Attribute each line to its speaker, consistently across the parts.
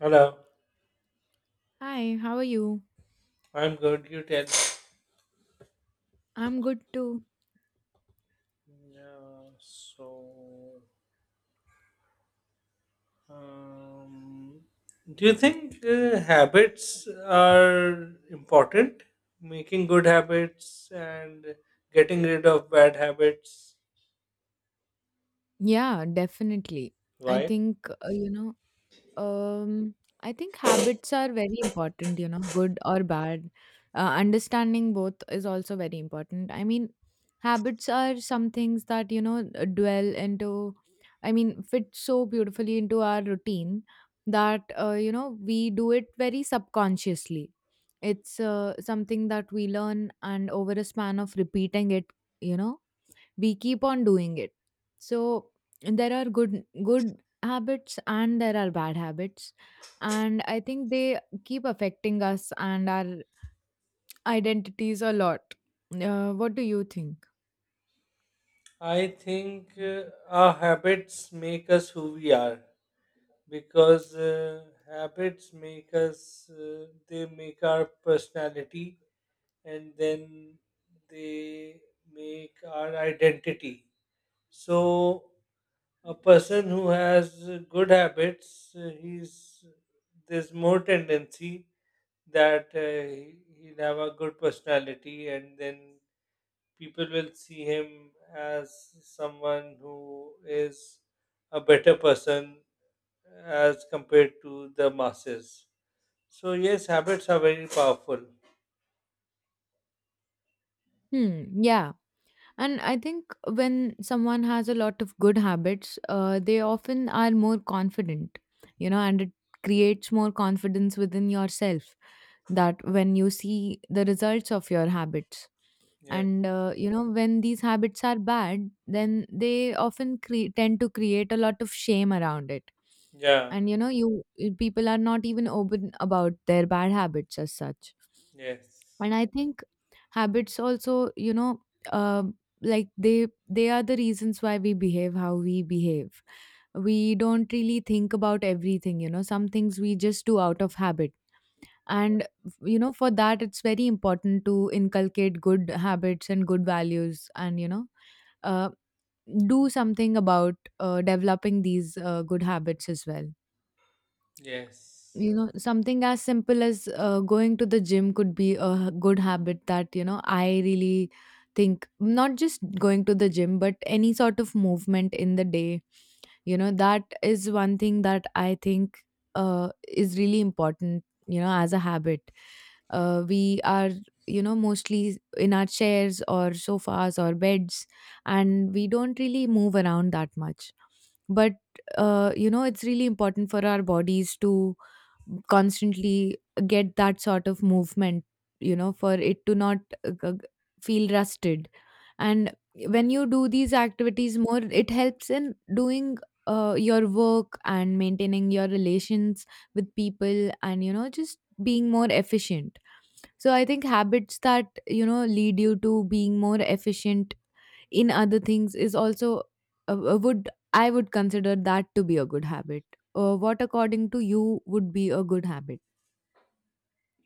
Speaker 1: Hello,
Speaker 2: Hi, how are you?
Speaker 1: I'm good. You tell.
Speaker 2: I'm good too.
Speaker 1: Yeah, so, um, do you think habits are important? Making good habits and getting rid of bad habits?
Speaker 2: Yeah, definitely. I
Speaker 1: Why?
Speaker 2: think, uh, you know, um, I think habits are very important, you know, good or bad. Understanding both is also very important. I mean, habits are some things that, dwell into, I mean, fit so beautifully into our routine that, we do it very subconsciously. It's something that we learn, and over a span of repeating it, you know we keep on doing it. So there are good habits and there are bad habits, and I think they keep affecting us and our identities a lot. What do you think?
Speaker 1: I think our habits make us who we are because habits make us, they make our personality, and then they make our identity. So, a person who has good habits, he's there's more tendency that will have a good personality, and then people will see him as someone who is a better person as compared to the masses. So yes, habits are very powerful.
Speaker 2: Hmm. Yeah, and I think when someone has a lot of good habits, they often are more confident, and it creates more confidence within yourself, that when you see the results of your habits.
Speaker 1: Yes.
Speaker 2: And, when these habits are bad, then they often tend to create a lot of shame around it.
Speaker 1: Yeah.
Speaker 2: And people are not even open about their bad habits as such.
Speaker 1: Yes.
Speaker 2: And I think habits also, uh, like they are the reasons why we behave how we behave. We don't really think about everything. Some things we just do out of habit. And for that, it's very important to inculcate good habits and good values, and uh, do something about developing these good habits as well.
Speaker 1: Yes.
Speaker 2: Something as simple as going to the gym could be a good habit that, I really think — not just going to the gym, but any sort of movement in the day. That is one thing that I think is really important, as a habit. We are, mostly in our chairs or sofas or beds, and we don't really move around that much. But it's really important for our bodies to constantly get that sort of movement, for it to not uh, g- g- feel rusted. And when you do these activities more, it helps in doing your work and maintaining your relations with people and, just being more efficient. So I think habits that, lead you to being more efficient in other things is also would I would consider that to be a good habit. What according to you would be a good habit?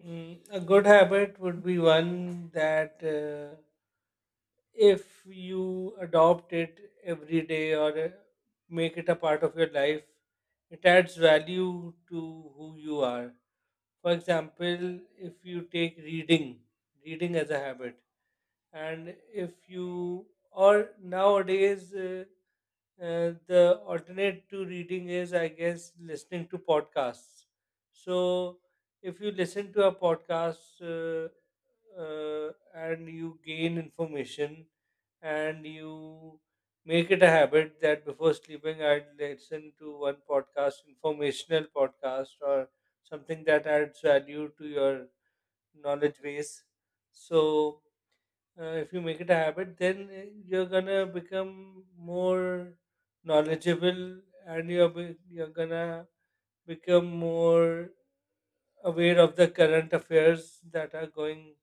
Speaker 1: A good habit would be one that if you adopt it every day, or make it a part of your life, it adds value to who you are. For example, if you take reading, reading as a habit, and if you or nowadays, the alternate to reading is, I guess, listening to podcasts. So, if you listen to a podcast, and you gain information, and you make it a habit that before sleeping, I'd listen to one podcast, informational podcast, or something that adds value to your knowledge base. So, if you make it a habit, then you're gonna become more knowledgeable, and you're gonna become more aware of the current affairs that are going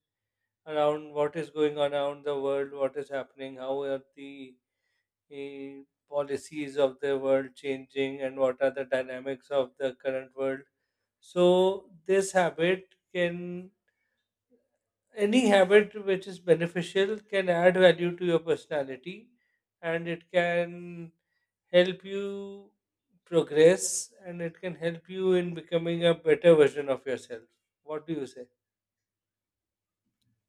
Speaker 1: around. What is going on around the world? What is happening? How are the uh, policies of the world changing, and what are the dynamics of the current world? So this habit can any habit which is beneficial can add value to your personality, and it can help you progress, and it can help you in becoming a better version of yourself. What do you say?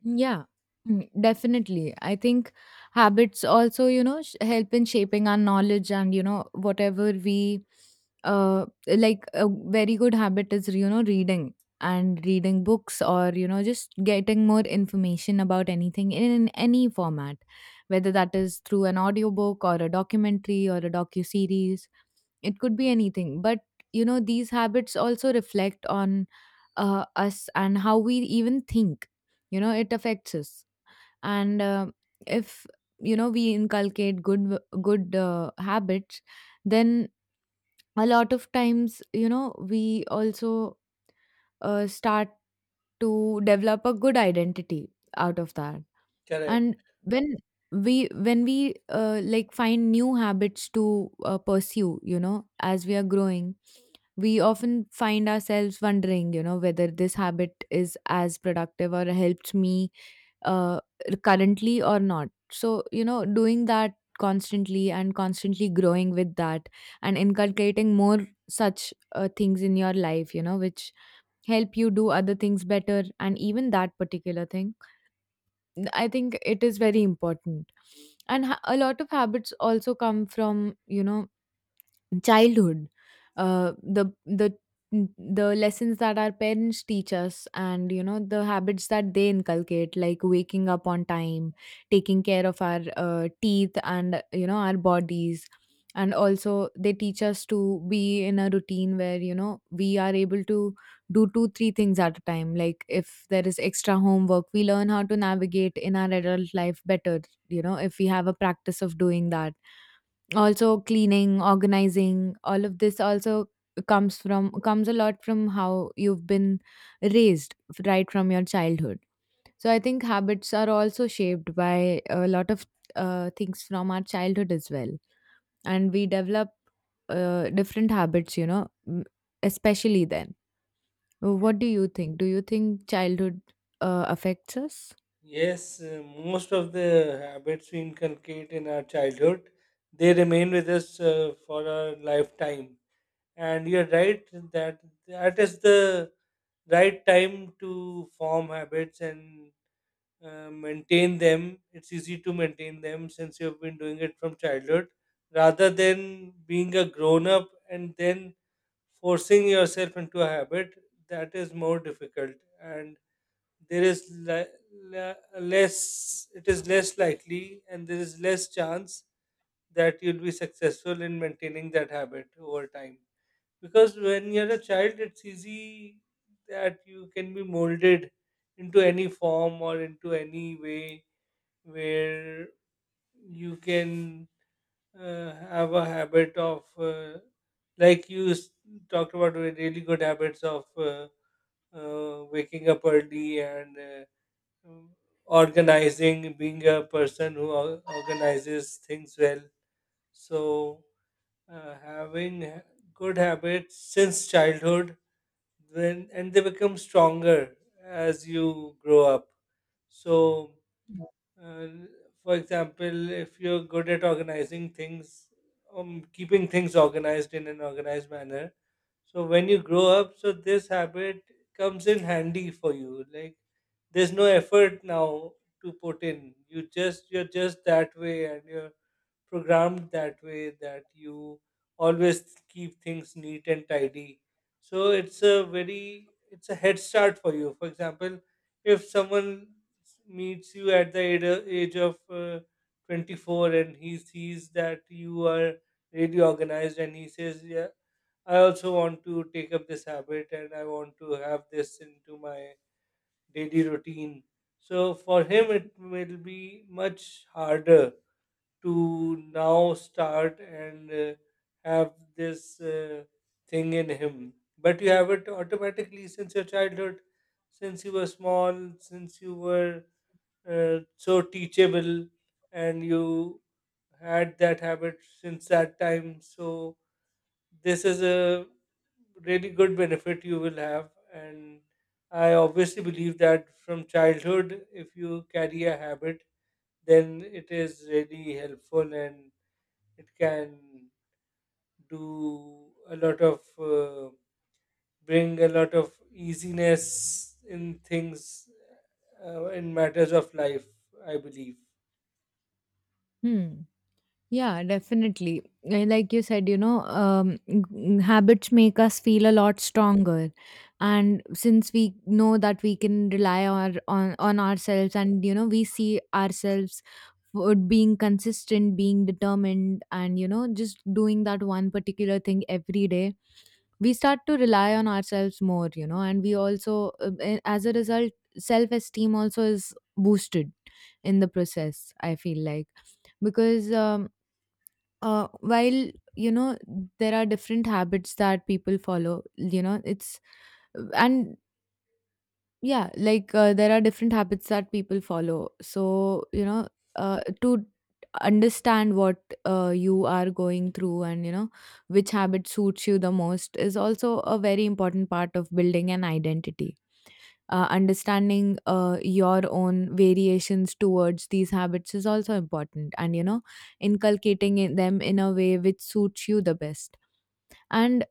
Speaker 2: Yeah, definitely. I think habits also, help in shaping our knowledge and, whatever we like, a very good habit is, reading and reading books or, just getting more information about anything in any format, whether that is through an audiobook or a documentary or a docu-series. It could be anything, but these habits also reflect on us and how we even think. It affects us. And if we inculcate good habits, then a lot of times, we also start to develop a good identity out of that.
Speaker 1: Correct.
Speaker 2: And when we like find new habits to pursue, as we are growing, we often find ourselves wondering, whether this habit is as productive or helps me uh, currently or not. So, doing that constantly and constantly growing with that, and inculcating more such things in your life, which help you do other things better, and even that particular thing, I think it is very important. And a lot of habits also come from, childhood. Uh, the the the lessons that our parents teach us, and the habits that they inculcate, like waking up on time, taking care of our teeth and our bodies. And also, they teach us to be in a routine where we are able to do two three things at a time, like if there is extra homework, we learn how to navigate in our adult life better, if we have a practice of doing that. Also cleaning, organizing, all of this also comes a lot from how you've been right from your childhood. So I think habits are also shaped by a lot of things from our childhood as well, and we develop different habits, especially then. What do you think Do you think childhood affects us?
Speaker 1: Yes, most of the habits we inculcate in our childhood, they remain with us for our lifetime. And you're right that that is the right time to form habits and maintain them. It's easy to maintain them since you've been doing it from childhood, rather than being a grown up and then forcing yourself into a habit. That is more difficult, and there is le- le- less it is less likely, and there is less chance that you'll be successful in maintaining that habit over time. Because when you're a child, it's easy that you can be molded into any form or into any way where you can have a habit of like you s- talked about really good habits of waking up early and um, organizing, being a person who organizes things well. So uh, having ha- good habits since childhood, then, and they become stronger as you grow up. So, uh, for example, if you're good at organizing things, keeping things organized in an organized manner, so when you grow up, so this habit comes in handy for you. Like there's no effort now to put in. You're just that way, and you're programmed that way that you always keep things neat and tidy. So it's a head start for you. For example, if someone meets you at the age of 24, and he sees that you are really organized, and he says, "Yeah, I also want to take up this habit, and I want to have this into my daily routine." So for him, it will be much harder to now start and have this thing in him. But you have it automatically since your childhood, since you were small, since you were so teachable, and you had that habit since that time. So, this is a really good benefit you will have. And I obviously believe that from childhood, if you carry a habit, then it is really helpful, and it can do a lot of bring a lot of easiness in things, in matters of life, I believe.
Speaker 2: Hmm. Yeah, definitely. Like you said, habits make us feel a lot stronger, and since we know that we can rely on ourselves, and we see ourselves for being consistent, being determined, and just doing that one particular thing every day, we start to rely on ourselves more, and we also, as a result, self esteem also is boosted in the process. I feel like, because while you know there are different habits that people follow, it's and yeah, like there are different habits that people follow. So to understand what you are going through, and which habit suits you the most is also a very important part of building an identity. Understanding your own variations towards these habits is also important, and inculcating in them in a way which suits you the best. And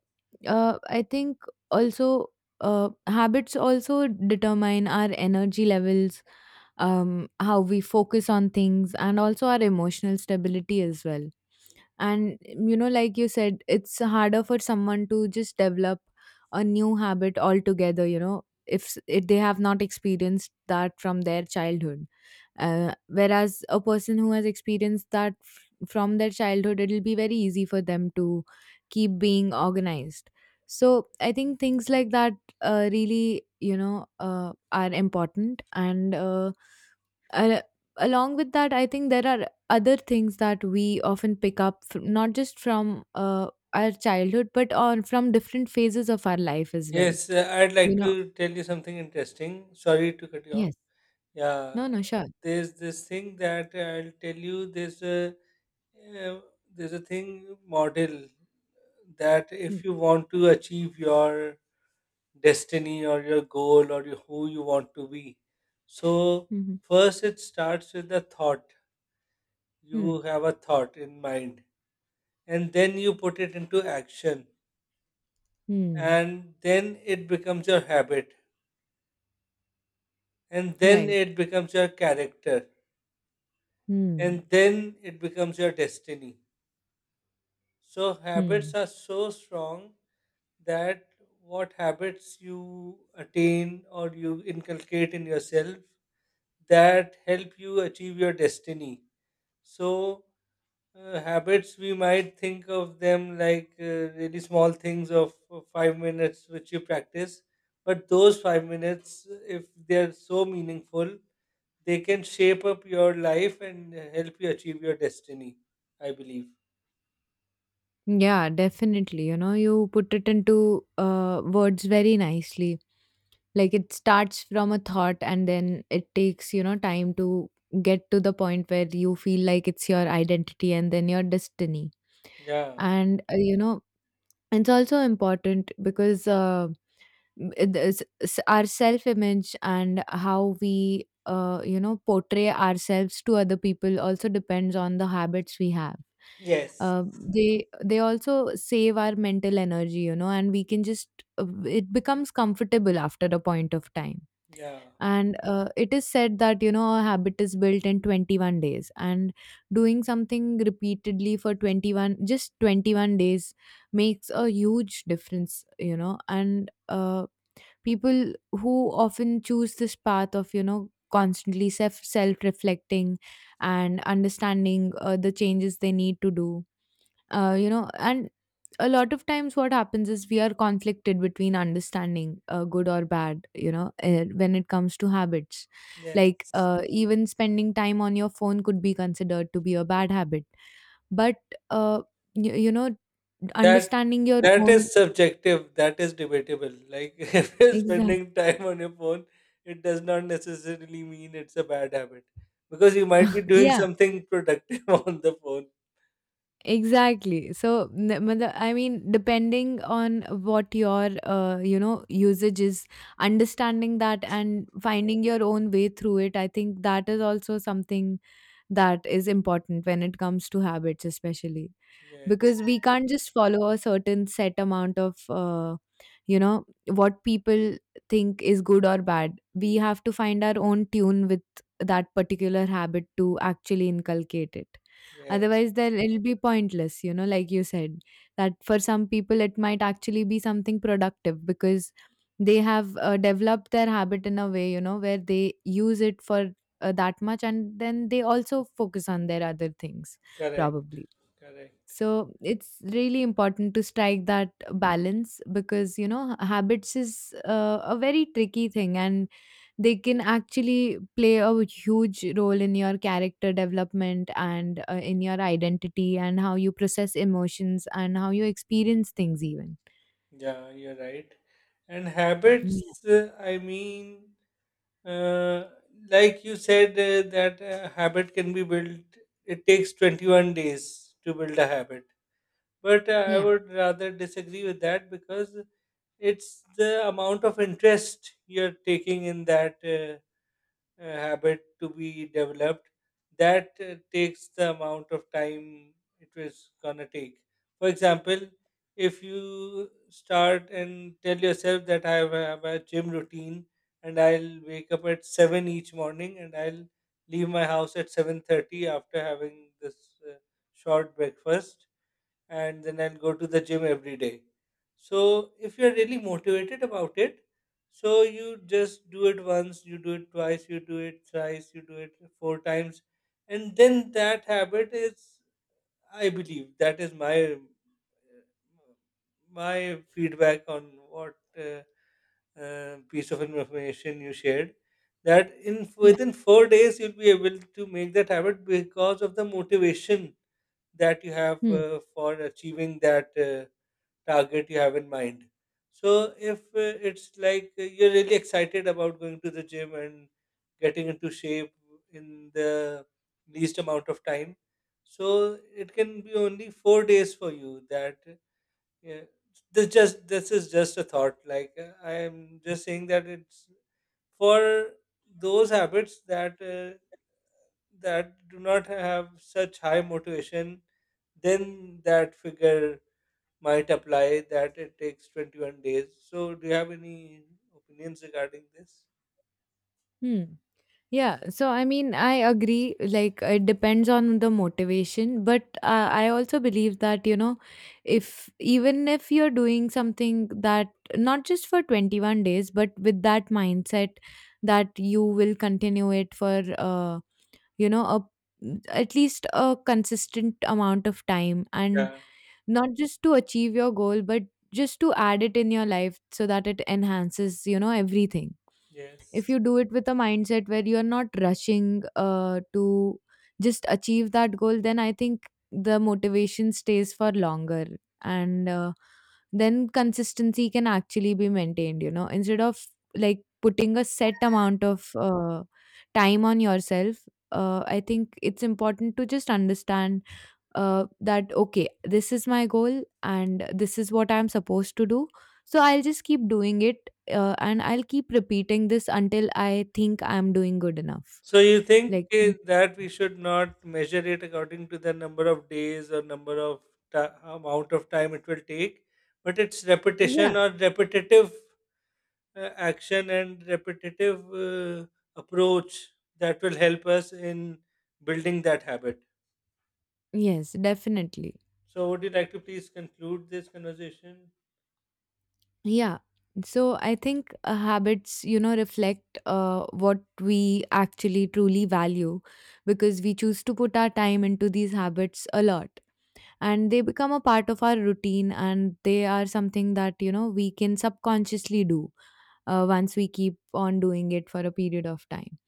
Speaker 2: I think, also, habits also determine our energy levels, how we focus on things and also our emotional stability as well. And like you said, it's harder for someone to just develop a new habit altogether, if they have not experienced that from their childhood. Whereas a person who has experienced that from their childhood, it'll be very easy for them to keep being organized. So I think things like that really, are important. And uh, along with that, I think there are other things that we often pick up, not just from our childhood, but on from different phases of our life as well.
Speaker 1: Yes, I'd
Speaker 2: you
Speaker 1: like to
Speaker 2: know
Speaker 1: tell you something interesting. Sorry to cut you off.
Speaker 2: yes.
Speaker 1: Yeah.
Speaker 2: No, no, sure.
Speaker 1: There's this thing that I'll tell you. Uh, there's a thing model that
Speaker 2: Hmm.
Speaker 1: if you want to achieve your destiny or your goal or who you want to be. So,
Speaker 2: Hmm.
Speaker 1: first it starts with a thought.
Speaker 2: Hmm.
Speaker 1: You have a thought in mind, and then you put it into action,
Speaker 2: Hmm.
Speaker 1: and then it becomes your habit, and then
Speaker 2: Right.
Speaker 1: it becomes your character,
Speaker 2: Hmm.
Speaker 1: and then it becomes your destiny. So, habits
Speaker 2: Hmm.
Speaker 1: are so strong that what habits you attain or you inculcate in yourself, that help you achieve your destiny. So, habits, we might think of them like really small things of 5 minutes which you practice, but those 5 minutes, if they're so meaningful, they can shape up your life and help you achieve your destiny, I believe.
Speaker 2: Yeah, definitely, you put it into words very nicely, like it starts from a thought and then it takes, time to get to the point where you feel like it's your identity and then your destiny.
Speaker 1: Yeah.
Speaker 2: And, it's also important because our self image and how we, portray ourselves to other people also depends on the habits we have.
Speaker 1: Yes.
Speaker 2: Uh, they also save our mental energy, and we can just it becomes comfortable after a point of time.
Speaker 1: Yeah.
Speaker 2: And it is said that a habit is built in 21 days, and doing something repeatedly for 21, just 21 days, makes a huge difference, and people who often choose this path of, constantly self reflecting and understanding the changes they need to do, and a lot of times what happens is we are conflicted between understanding good or bad, when it comes to habits. Like
Speaker 1: Yes.
Speaker 2: even spending time on your phone could be considered to be a bad habit, but uh, you, you know
Speaker 1: That
Speaker 2: understanding your
Speaker 1: that
Speaker 2: own —
Speaker 1: is subjective. That is debatable. Like if you're
Speaker 2: exactly.
Speaker 1: spending time on your phone, it does not necessarily mean it's a bad habit, because you might be doing
Speaker 2: Yeah,
Speaker 1: something productive on the phone.
Speaker 2: exactly. So I mean, depending on what your usage is, understanding that and finding your own way through it, I think that is also something that is important when it comes to habits, especially,
Speaker 1: Yes,
Speaker 2: because we can't just follow a certain set amount of you know what people think is good or bad. We have to find our own tune with that particular habit to actually inculcate it.
Speaker 1: yes,
Speaker 2: Otherwise, then it'll be pointless, like you said, that for some people it might actually be something productive because they have developed their habit in a way, where they use it for that much, and then they also focus on their other things,
Speaker 1: correct,
Speaker 2: probably.
Speaker 1: correct.
Speaker 2: So it's really important to strike that balance, because habits is a very tricky thing, and they can actually play a huge role in your character development and in your identity, and how you process emotions and how you experience things even.
Speaker 1: Yeah, you're right. And
Speaker 2: Yeah.
Speaker 1: habits, I mean, uh, like you said, that a habit can be built. It takes 21 days to build a habit. But I
Speaker 2: Yeah,
Speaker 1: would rather disagree with that, because it's the amount of interest you're taking in that habit to be developed, that takes the amount of time it was gonna take. For example, if you start and tell yourself that I have a gym routine, and I'll wake up at 7 each morning, and I'll leave my house at 7:30 after having this short breakfast, and then I'll go to the gym every day. So if you're really motivated about it, so you just do it once, you do it twice, you do it thrice, you do it four times, and then that habit is, I believe, that is my my feedback on what piece of information you shared. That in
Speaker 2: yeah.
Speaker 1: within 4 days you'll be able to make that habit, because of the motivation that you have
Speaker 2: Hmm.
Speaker 1: for achieving that target you have in mind. So, if it's like you're really excited about going to the gym and getting into shape in the least amount of time, so it can be only 4 days for you. That uh, this just this is just a thought. Like I am just saying that it's for those habits that that do not have such high motivation, then that figure might apply, that it takes 21 days. So, do you have any opinions regarding this?
Speaker 2: Hmm. Yeah, so I mean, I agree. Like, it depends on the motivation, but I also believe that, if even if you're doing something that not just for 21 days, but with that mindset that you will continue it for, you know, at least, a consistent amount of time. And
Speaker 1: Yeah.
Speaker 2: not just to achieve your goal, but just to add it in your life so that it enhances, everything. If
Speaker 1: Yes.
Speaker 2: you do it with a mindset where you're not rushing to just achieve that goal, then I think the motivation stays for longer, and then consistency can actually be maintained, instead of, like, putting a set amount of time on yourself. I think it's important to just understand that, okay, this is my goal and this is what I'm supposed to do, so I'll just keep doing it, and I'll keep repeating this until I think I'm doing good enough.
Speaker 1: So, you think
Speaker 2: Like. Mhm.
Speaker 1: that we should not measure it according to the number of days or number of amount of time it will take, but it's
Speaker 2: Yeah.
Speaker 1: repetition or repetitive action and repetitive approach that will help us in building that habit.
Speaker 2: Yes, definitely.
Speaker 1: So, would you like to please conclude this conversation?
Speaker 2: Yeah, so I think habits, reflect what we actually truly value, because we choose to put our time into these habits a lot, and they become a part of our routine, and they are something that we can subconsciously do once we keep on doing it for a period of time.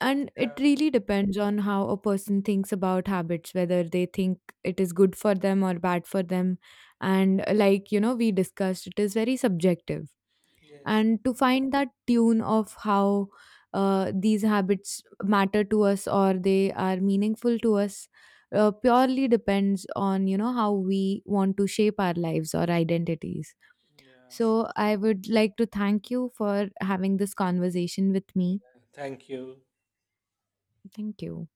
Speaker 2: And it
Speaker 1: Yeah,
Speaker 2: really depends on how a person thinks about habits, whether they think it is good for them or bad for them. And like we discussed, it is very subjective.
Speaker 1: yes.
Speaker 2: And to find that tune of how these habits matter to us or they are meaningful to us, purely depends on how we want to shape our lives or identities.
Speaker 1: Yeah.
Speaker 2: So I would like to thank you for having this conversation with
Speaker 1: Yeah.
Speaker 2: me.
Speaker 1: Thank you.
Speaker 2: Thank you.